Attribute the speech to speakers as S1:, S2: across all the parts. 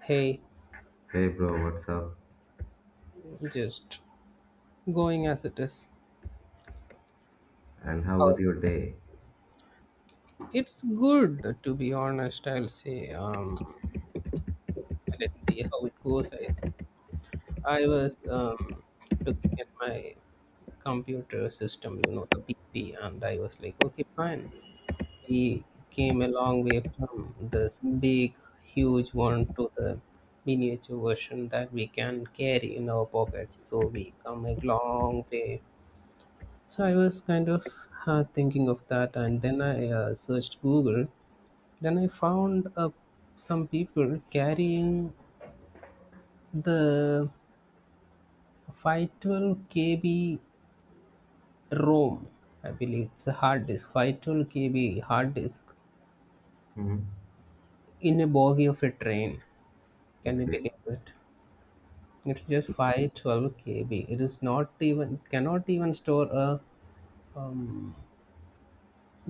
S1: Hey,
S2: Hey bro, what's up?
S1: just going as it is.
S2: And how
S1: Oh,
S2: was your day?
S1: it's good to be honest, I'll say. Let's see how it goes. I was looking at my computer system, the PC, and I was like, okay, fine. We came a long way from this big, huge one to the miniature version that we can carry in our pockets. So we come a long way. So I was kind of thinking of that, and then I searched Google. Then I found some people carrying the 512 KB ROM. I believe it's a hard disk, 512 KB hard disk
S2: hmm
S1: in a bogey of a train. Can you
S2: Okay,
S1: believe it? It's just 512 KB. It is not even, cannot even store a, um,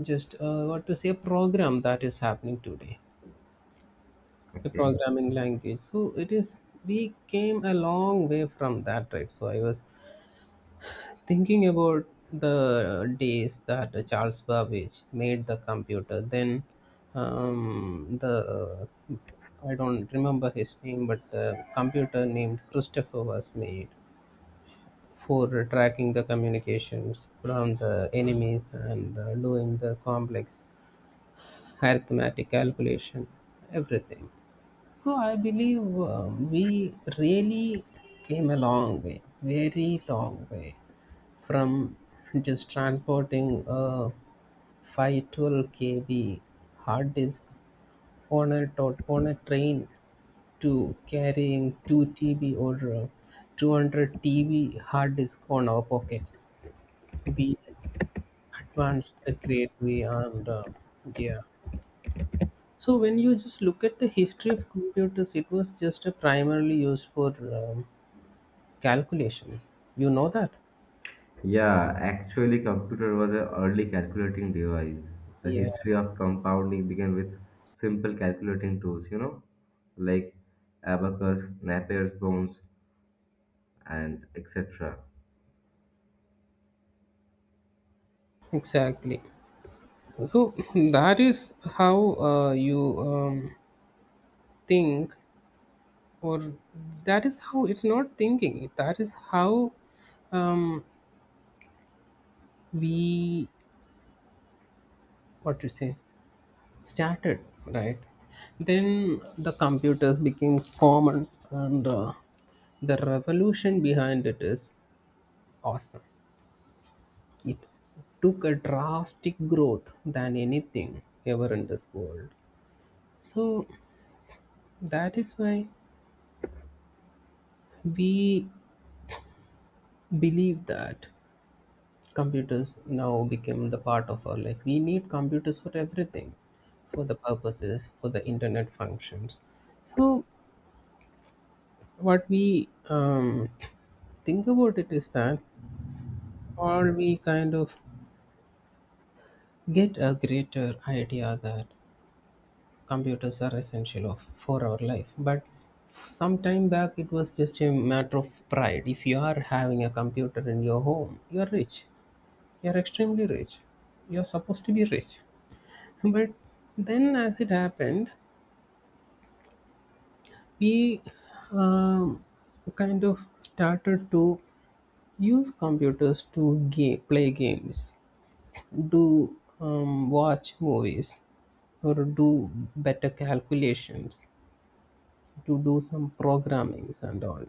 S1: just what to say, a program that is happening today. A
S2: okay.
S1: programming language, so it is, we came a long way from that, right? So I was thinking about the days that Charles Babbage made the computer. Then the, I don't remember his name, but the computer named Christopher was made for tracking the communications from the enemies and doing the complex arithmetic calculation, everything. So I believe we really came a long way, very long way, from just transporting a 512 kb hard disk on on a train, to carrying 2 TB or 200 TB hard disk on our pockets. We advanced a great way and yeah. So when you just look at the history of computers, it was just a primarily used for calculation. You know that?
S2: Yeah, actually, computer was an early calculating device. The
S1: Yeah,
S2: history of compounding began with simple calculating tools, like abacus, Napier's bones, and etc.
S1: exactly. So that is how you think, or that is how it's not thinking. That is how um, we, what to say, started, right? Then the computers became common, and the revolution behind it is awesome. It took a drastic growth than anything ever in this world. So that is why we believe that computers now became the part of our life. We need computers for everything, for the purposes, for the internet functions. So what we think about it is that all we kind of get a greater idea that computers are essential of, for our life. But some time back, it was just a matter of pride. If you are having a computer in your home, you are rich, you are extremely rich, you are supposed to be rich. But then, as it happened, we um, kind of started to use computers to game, play games, do watch movies, or do better calculations, to do some programmings and all.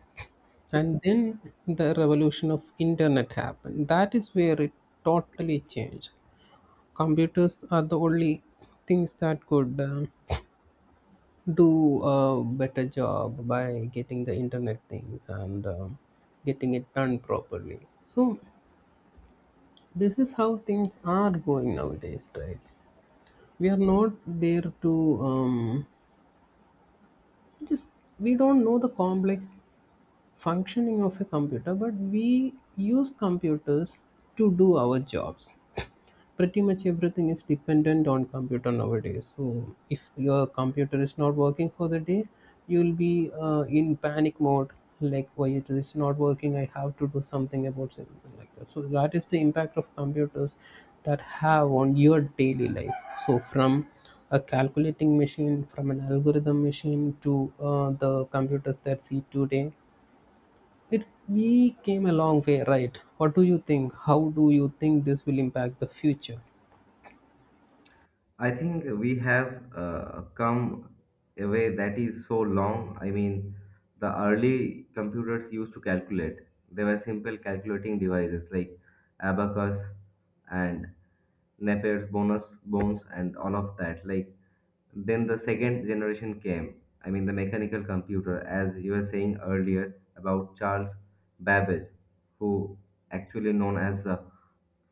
S1: And then the revolution of internet happened. That is where it totally changed. Computers are the only things that could do a better job by getting the internet things and getting it done properly. So this is how things are going nowadays, right? We are not there to um, just, we don't know the complex functioning of a computer, but we use computers to do our jobs. Pretty much everything is dependent on computer nowadays. So if your computer is not working for the day, you'll be in panic mode, like, why it is not working, I have to do something about something like that. So that is the impact of computers that have on your daily life. So from a calculating machine, from an algorithm machine to the computers that see today, it we came a long way, right? What do you think? How do you think this will impact the future?
S2: I think we have come a way that is so long. I mean, the early computers used to calculate. They were simple calculating devices like abacus and Napier's bonus bones and all of that. Like then the second generation came. I mean, the mechanical computer, as you were saying earlier about Charles Babbage, who actually known as the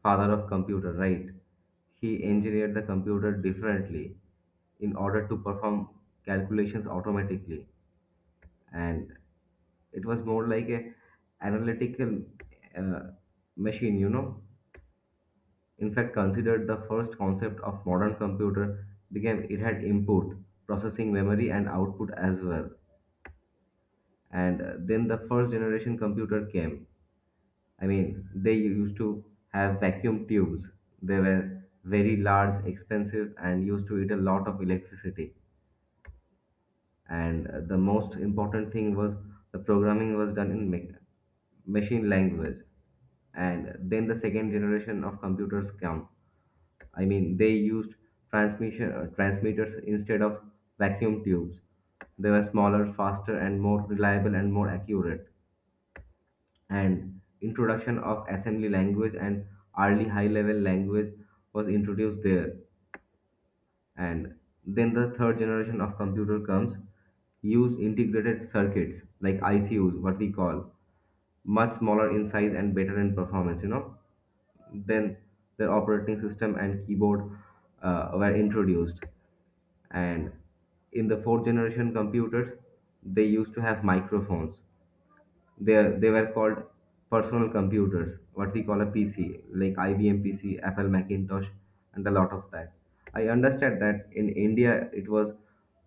S2: father of computer, right? He engineered the computer differently in order to perform calculations automatically, and it was more like a analytical uh, machine. You know, in fact, considered the first concept of modern computer became it had input, processing memory, and output as well. And then the first generation computer came. I mean, they used to have vacuum tubes. They were very large, expensive, and used to eat a lot of electricity, and the most important thing was the programming was done in machine language. And then the second generation of computers come. I mean, they used transmission transmitters instead of vacuum tubes. They were smaller, faster, and more reliable and more accurate, and introduction of assembly language and early high level language was introduced there. And then the third generation of computer comes, use integrated circuits like icus what we call, much smaller in size and better in performance, you know. Then the operating system and keyboard were introduced. And in the fourth generation computers, they used to have microphones. They were called personal computers what we call a PC, like IBM PC, Apple Macintosh, and a lot of that. I understand that in India it was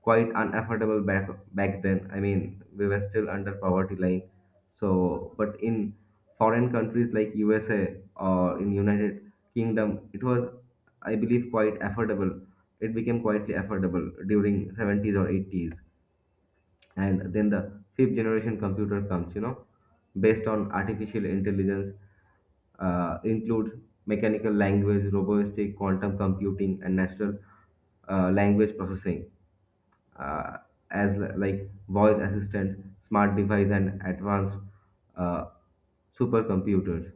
S2: quite unaffordable back then. I mean, we were still under poverty line, so. But in foreign countries like USA or in United Kingdom, it was, I believe, quite affordable. It became quite affordable during 70s or 80s. And then the fifth generation computer comes, you know, based on artificial intelligence. Includes mechanical language, robotic, quantum computing, and natural language processing, uh, as like voice assistant, smart device, and advanced uh, supercomputers.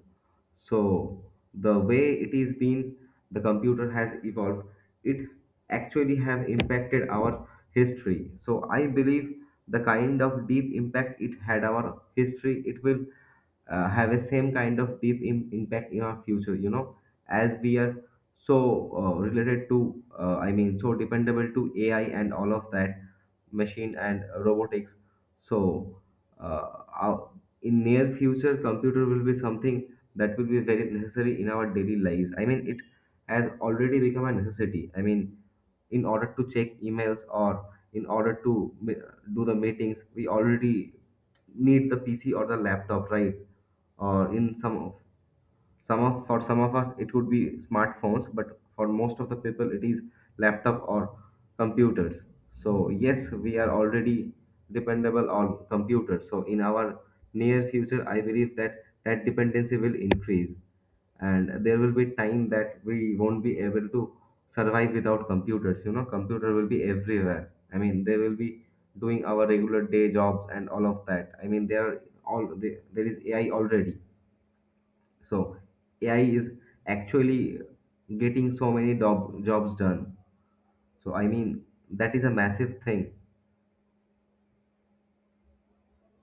S2: So the way it is been, the computer has evolved. It actually have impacted our history. So I believe the kind of deep impact it had our history, it will have a same kind of deep impact in our future, you know, as we are so related to I mean, so dependable to AI and all of that, machine and robotics. So uh, our, in near future computer will be something that will be very necessary in our daily lives. I mean, it has already become a necessity. I mean, in order to check emails or in order to do the meetings, we already need the PC or the laptop, right? Or in some of for some of us it would be smartphones, but for most of the people it is laptop or computers. So yes, we are already dependable on computers. So in our near future, I believe that dependency will increase, and there will be time that we won't be able to survive without computers. You know, computer will be everywhere. I mean, they will be doing our regular day jobs and all of that. I mean, there are all there there is AI already. So AI is actually getting so many jobs done. So I mean, that is a massive thing.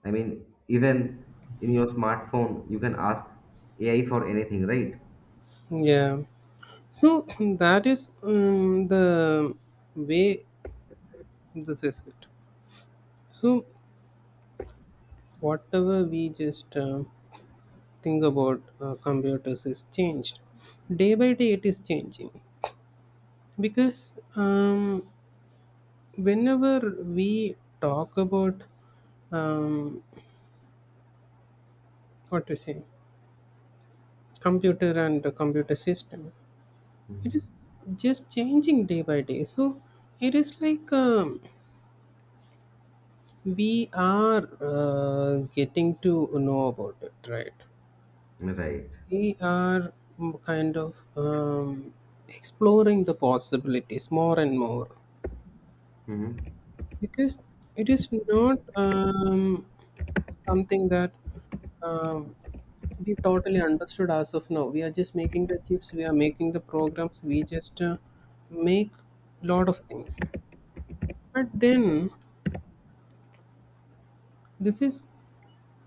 S2: I mean, even in your smartphone you can ask AI for anything, right?
S1: Yeah. So that is the way, this is it. So whatever we just think about computers is changed. Day by day it is changing, because whenever we talk about um, what to say, computer and the computer system, it
S2: Mhm.
S1: is just changing day by day. So it is like we are getting to know about it, right?
S2: Right.
S1: We are kind of exploring the possibilities more and more,
S2: hmm
S1: because it is not something that um, we totally understood as of now. We are just making the chips, we are making the programs, we just make lot of things. But then, this is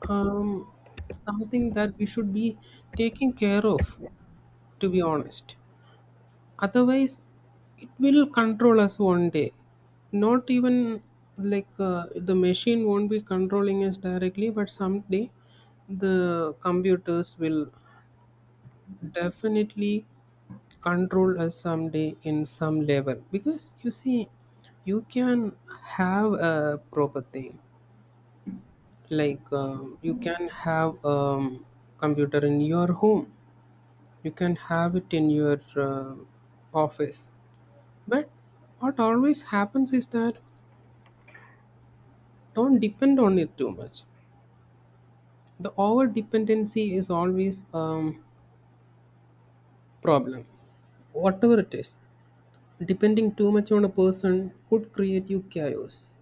S1: um, something that we should be taking care of, to be honest. Otherwise, it will control us one day. Not even like the machine won't be controlling us directly, but someday the computers will definitely control us someday in some level. Because you see, you can have a proper thing, like you can have computer in your home, you can have it in your office, but what always happens is that, don't depend on it too much. The over dependency is always problem, whatever it is. Depending too much on a person could create you chaos.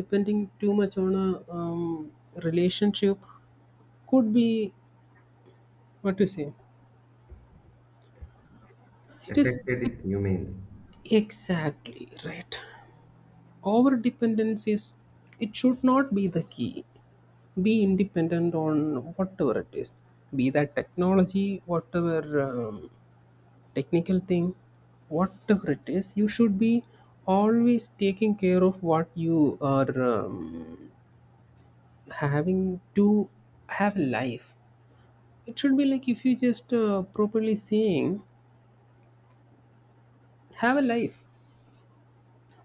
S1: Depending too much on a relationship could be, what to say, it is.
S2: Affected it, you mean?
S1: Exactly, right? Over dependence is, it should not be the key. Be independent on whatever it is, be that technology, whatever technical thing, whatever it is, you should be always taking care of what you are having to have a life. It should be like, if you just properly saying, have a life.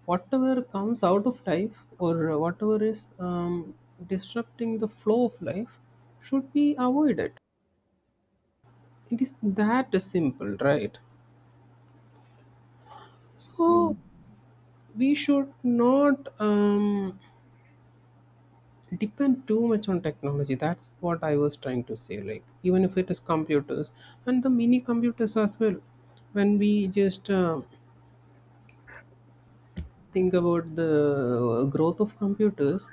S1: Whatever comes out of life, or whatever is disrupting the flow of life, should be avoided. It is that simple, right?
S2: Mm.
S1: So we should not depend too much on technology. That's what I was trying to say. Like, even if it is computers and the mini computers as well, when we just think about the growth of computers,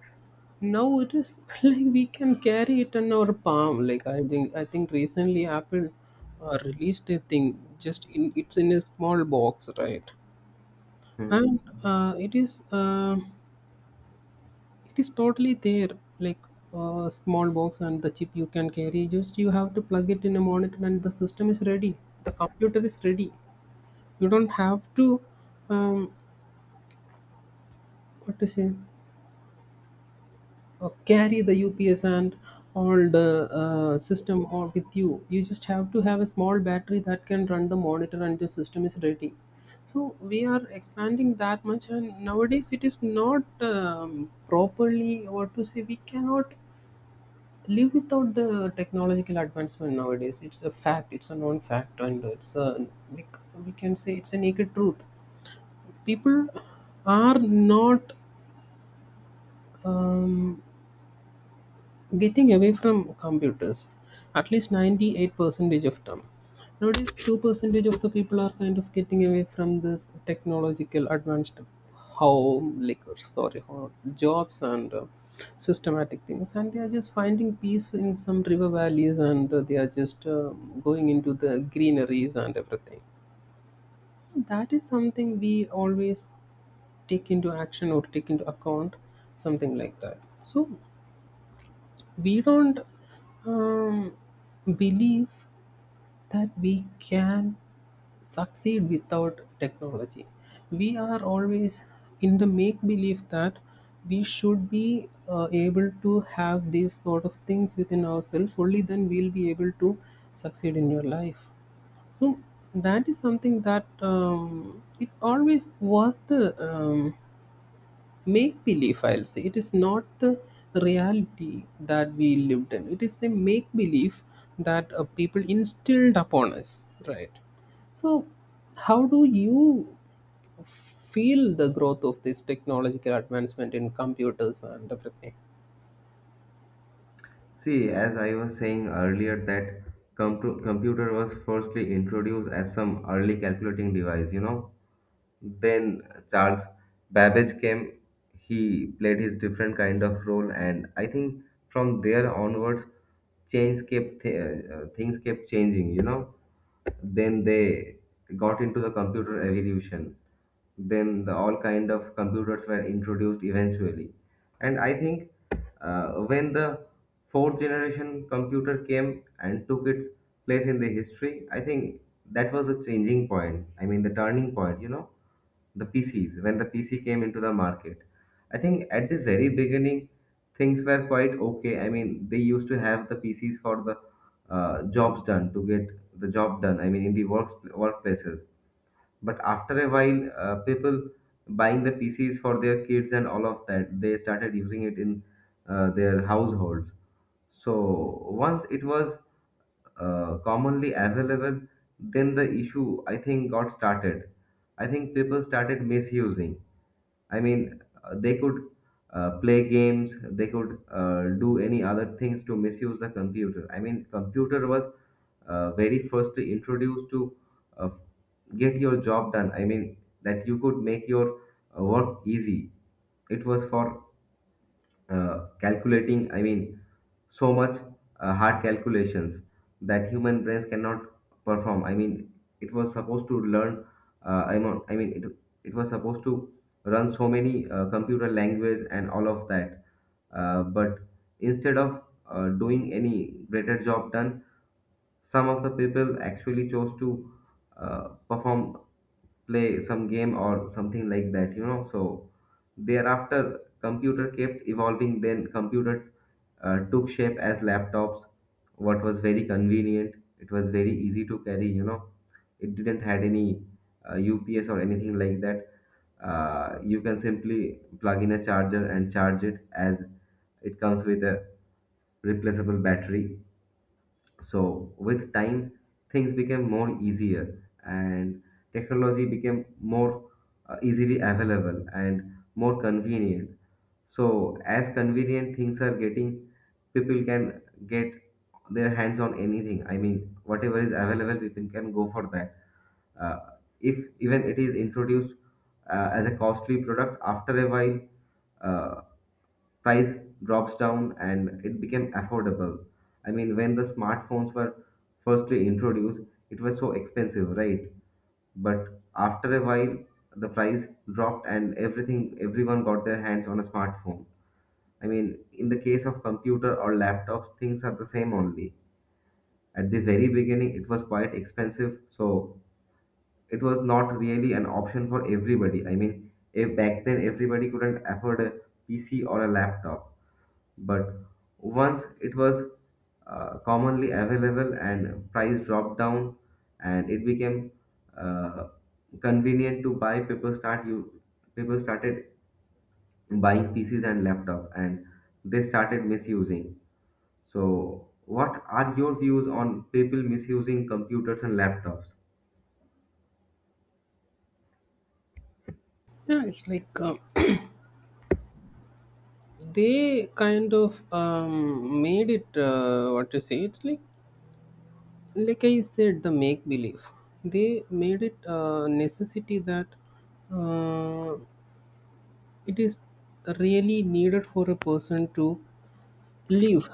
S1: now it is like we can carry it in our palm. Like, I think recently Apple released a thing, just in it's in a small box, right?
S2: Mhm.
S1: And it is, it is totally there, like a small box. And the chip you can carry, just you have to plug it in a monitor and the system is ready, the computer is ready. You don't have to um, what to say, carry the UPS and all the system or with you. You just have to have a small battery that can run the monitor and the system is ready. So we are expanding that much, and nowadays it is not properly, or to say, we cannot live without the technological advancement nowadays. It's a fact. It's a known fact, and it's a we can say it's a naked truth. People are not. Um, getting away from computers at least 98 percentage of time. Nowadays, 2 percentage of the people are kind of getting away from this technological advanced home, like, sorry, jobs and systematic things, and they are just finding peace in some river valleys and they are just going into the greeneries and everything. That is something we always take into action or take into account, something like that. So we don't um, believe that we can succeed without technology. We are always in the make believe that we should be able to have these sort of things within ourselves, only then we'll be able to succeed in your life. So, that is something that it always was the make believe, I'll say. It is not the reality that we lived in, it is a make believe that people instilled upon us, right? So, how do you feel the growth of this technological advancement in computers and everything?
S2: See, as I was saying earlier, that computer was firstly introduced as some early calculating device, you know. Then Charles Babbage came. He played his different kind of role, and I think from there onwards, things kept changing. You know, then they got into the computer evolution. Then the all kind of computers were introduced eventually, and I think when the fourth generation computer came and took its place in the history, I think that was a changing point. I mean, the turning point, you know, the PCs, when the PC came into the market. I think at the very beginning, things were quite okay. I mean, they used to have the PCs for the jobs done to get the job done. I mean, in the works workplaces. But after a while people buying the pcs for their kids and all of that, they started using it in their households. So once it was commonly available, then the issue, I think, got started. I think people started misusing. I mean, they could play games, they could do any other things to misuse the computer. I mean, computer was very firstly introduced to uh, get your job done. I mean, that you could make your work easy. It was for calculating, I mean, so much hard calculations that human brains cannot perform. I mean, it was supposed to learn, it was supposed to run so many computer language and all of that. But instead of doing any greater job done, some of the people actually chose to uh, perform, play some game or something like that, you know. So thereafter, computer kept evolving. Then computer took shape as laptops, what was very convenient. It was very easy to carry, you know. It didn't had any UPS or anything like that. You can simply plug in a charger and charge it as it comes with a replaceable battery. So with time, things became more easier and technology became more easily available and more convenient. So as convenient things are getting, people can get their hands on anything. I mean, whatever is available, people can go for that. Uh, if even it is introduced as a costly product, after a while, uh, price drops down and it became affordable. I mean, when the smartphones were firstly introduced, it was so expensive, right? But after a while, the price dropped and everything, everyone got their hands on a smartphone. I mean, in the case of computer or laptops, things are the same only. At the very beginning, it was quite expensive, so it was not really an option for everybody. I mean, if back then everybody couldn't afford a PC or a laptop, but once it was commonly available and price dropped down, and it became uh, convenient to buy, people started buying PCs and laptop, and they started misusing. So, what are your views on people misusing computers and laptops?
S1: Yeah, it's like they kind of made it what to say. It's like I said, the make believe. They made it a necessity that uh, It is really needed for a person to live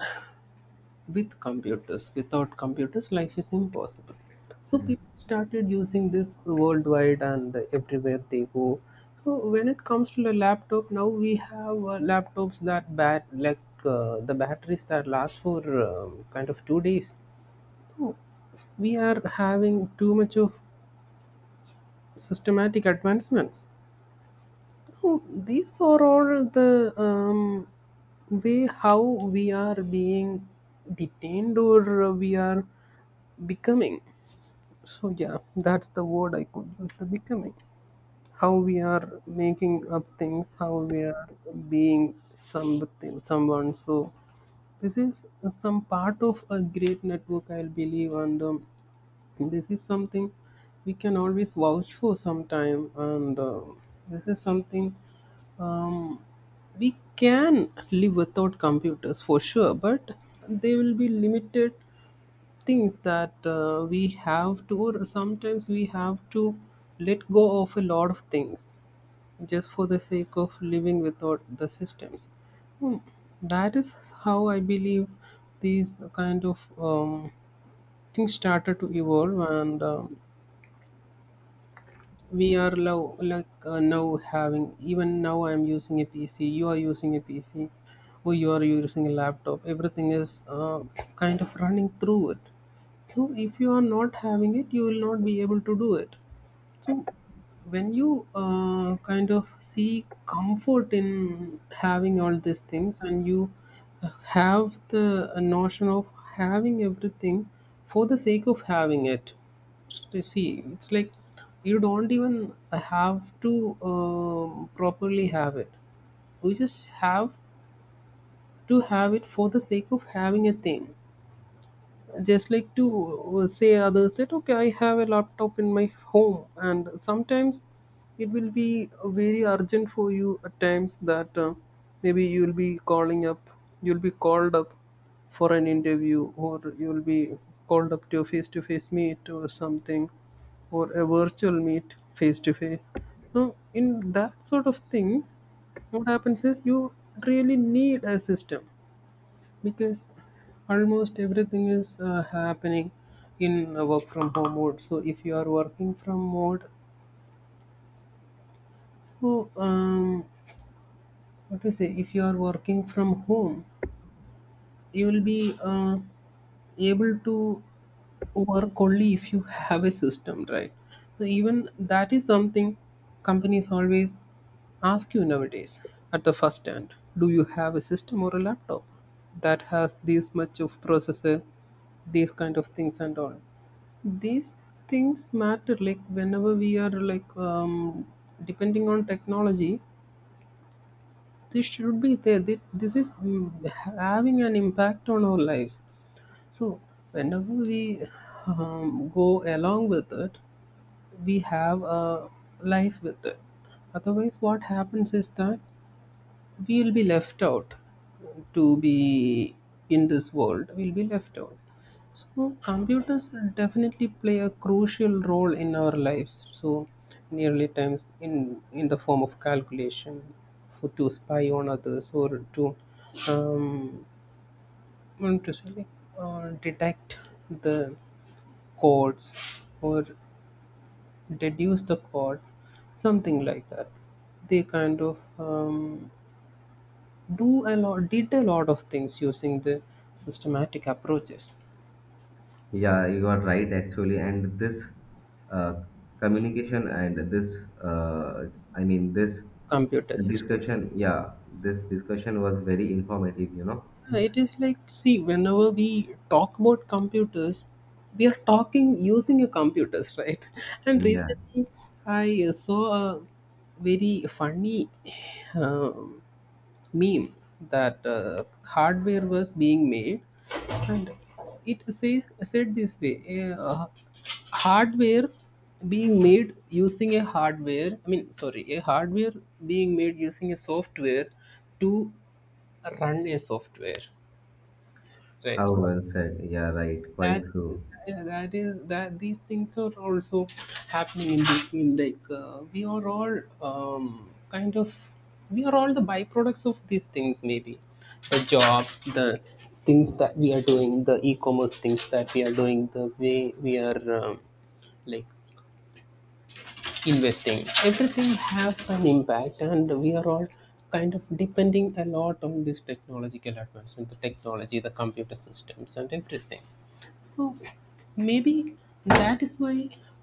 S1: with computers. Without computers, life is impossible. So people started using this worldwide and everywhere they go. So when it comes to the laptop, now we have laptops that bat like the batteries that last for kind of 2 days. So we are having too much of systematic advancements. Oh, these are all the way how we are being detained, or we are becoming. So, yeah, that's the word I could use, the becoming. How we are making up things, how we are being something, someone. So, this is some part of a great network, I believe, and this is something we can always vouch for sometime. And this is something, um, we can live without computers for sure, but they will be limited things that we have to, or sometimes we have to let go of a lot of things just for the sake of living without the systems. Hmm. That is how I believe these kind of things started to evolve, and we are now like now having. Even now I'm using a PC, you are using a PC or you are using a laptop. Everything is kind of running through it, so if you are not having it you will not be able to do it. So when you kind of see comfort in having all these things and you have the notion of having everything for the sake of having it, just, see it's like you don't even have to properly have it, you just have to have it for the sake of having a thing, just like to say others that okay, I have a laptop in my home. And sometimes it will be very urgent for you at times that maybe you will be calling up, you'll be called up for an interview, or you'll be called up to a face-to-face meet or something, or a virtual meet face-to-face. So in that sort of things, what happens is you really need a system, because almost everything is happening in a work from home mode. So if you are working from mode, so what to say, if you are working from home you will be able to work only if you have a system, right? So even that is something companies always ask you nowadays at the first hand: do you have a system or a laptop that has this much of processor, these kind of things? And all these things matter, like whenever we are like depending on technology, this should be there. This is having an impact on our lives. So, whenever we go along with it, we have a life with it. Otherwise, what happens is that we will be left out. To be in this world, we'll be left out. So, computers definitely play a crucial role in our lives. So, nearly times in the form of calculation, for to spy on others or to um, want to say like detect the chords or deduce the chords, something like that. They kind of do a lot did a lot of things using the systematic approaches,
S2: Yeah, you are right actually, and this uh, communication and this I mean this
S1: computer systems.
S2: discussion, yeah, this discussion was very informative, you know.
S1: Yeah, it is like, see, whenever we talk about computers, we are talking using a computers, right? And
S2: Yeah,
S1: recently I saw a very funny um, meme that hardware was being made, and it said this way: hardware being made using a hardware, I mean sorry, a hardware being made using a software to run a software, right?
S2: how well said. Yeah, right, quite
S1: that
S2: true.
S1: that is that these things are also happening in between, like we are all kind of, we are all the byproducts of these things. Maybe the jobs, the things that we are doing, the e-commerce things that we are doing, the way we are like investing, everything have an impact, and we are all kind of depending a lot on this technological advancement, the technology, the computer systems and everything. So maybe that is why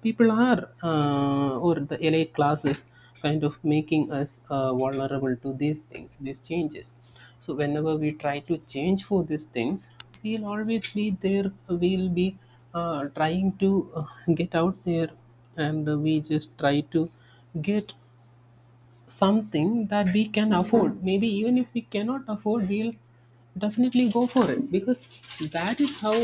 S1: people are or the elite classes kind of making us vulnerable to these things, these changes. So whenever we try to change for these things, we'll always be there, we'll be trying to get out there, and we just try to get something that we can afford. Maybe even if we cannot afford, we'll definitely go for it, because that is how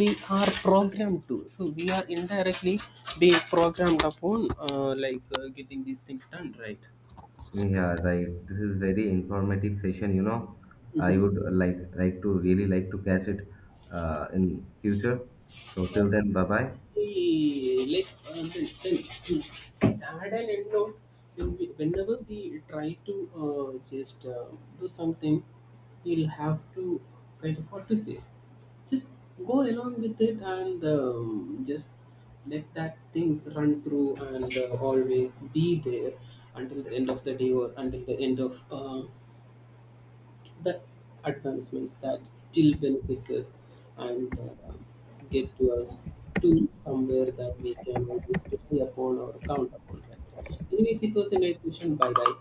S1: we are programmed to. So we are indirectly being programmed upon, like getting these things done, right?
S2: Yeah, right. This is very informative session, you know. I would like to really like to catch it in future. So till then, bye bye.
S1: We like, uh, then, just add an end note: when we, whenever we try to just do something, we'll have to write, what to say, just go along with it, and just let that things run through, and always be there until the end of the day, or until the end of the advancements that still benefits us, and get to us to somewhere that we can always rely upon or count upon. Right? Anyway, it was a nice session. Bye bye.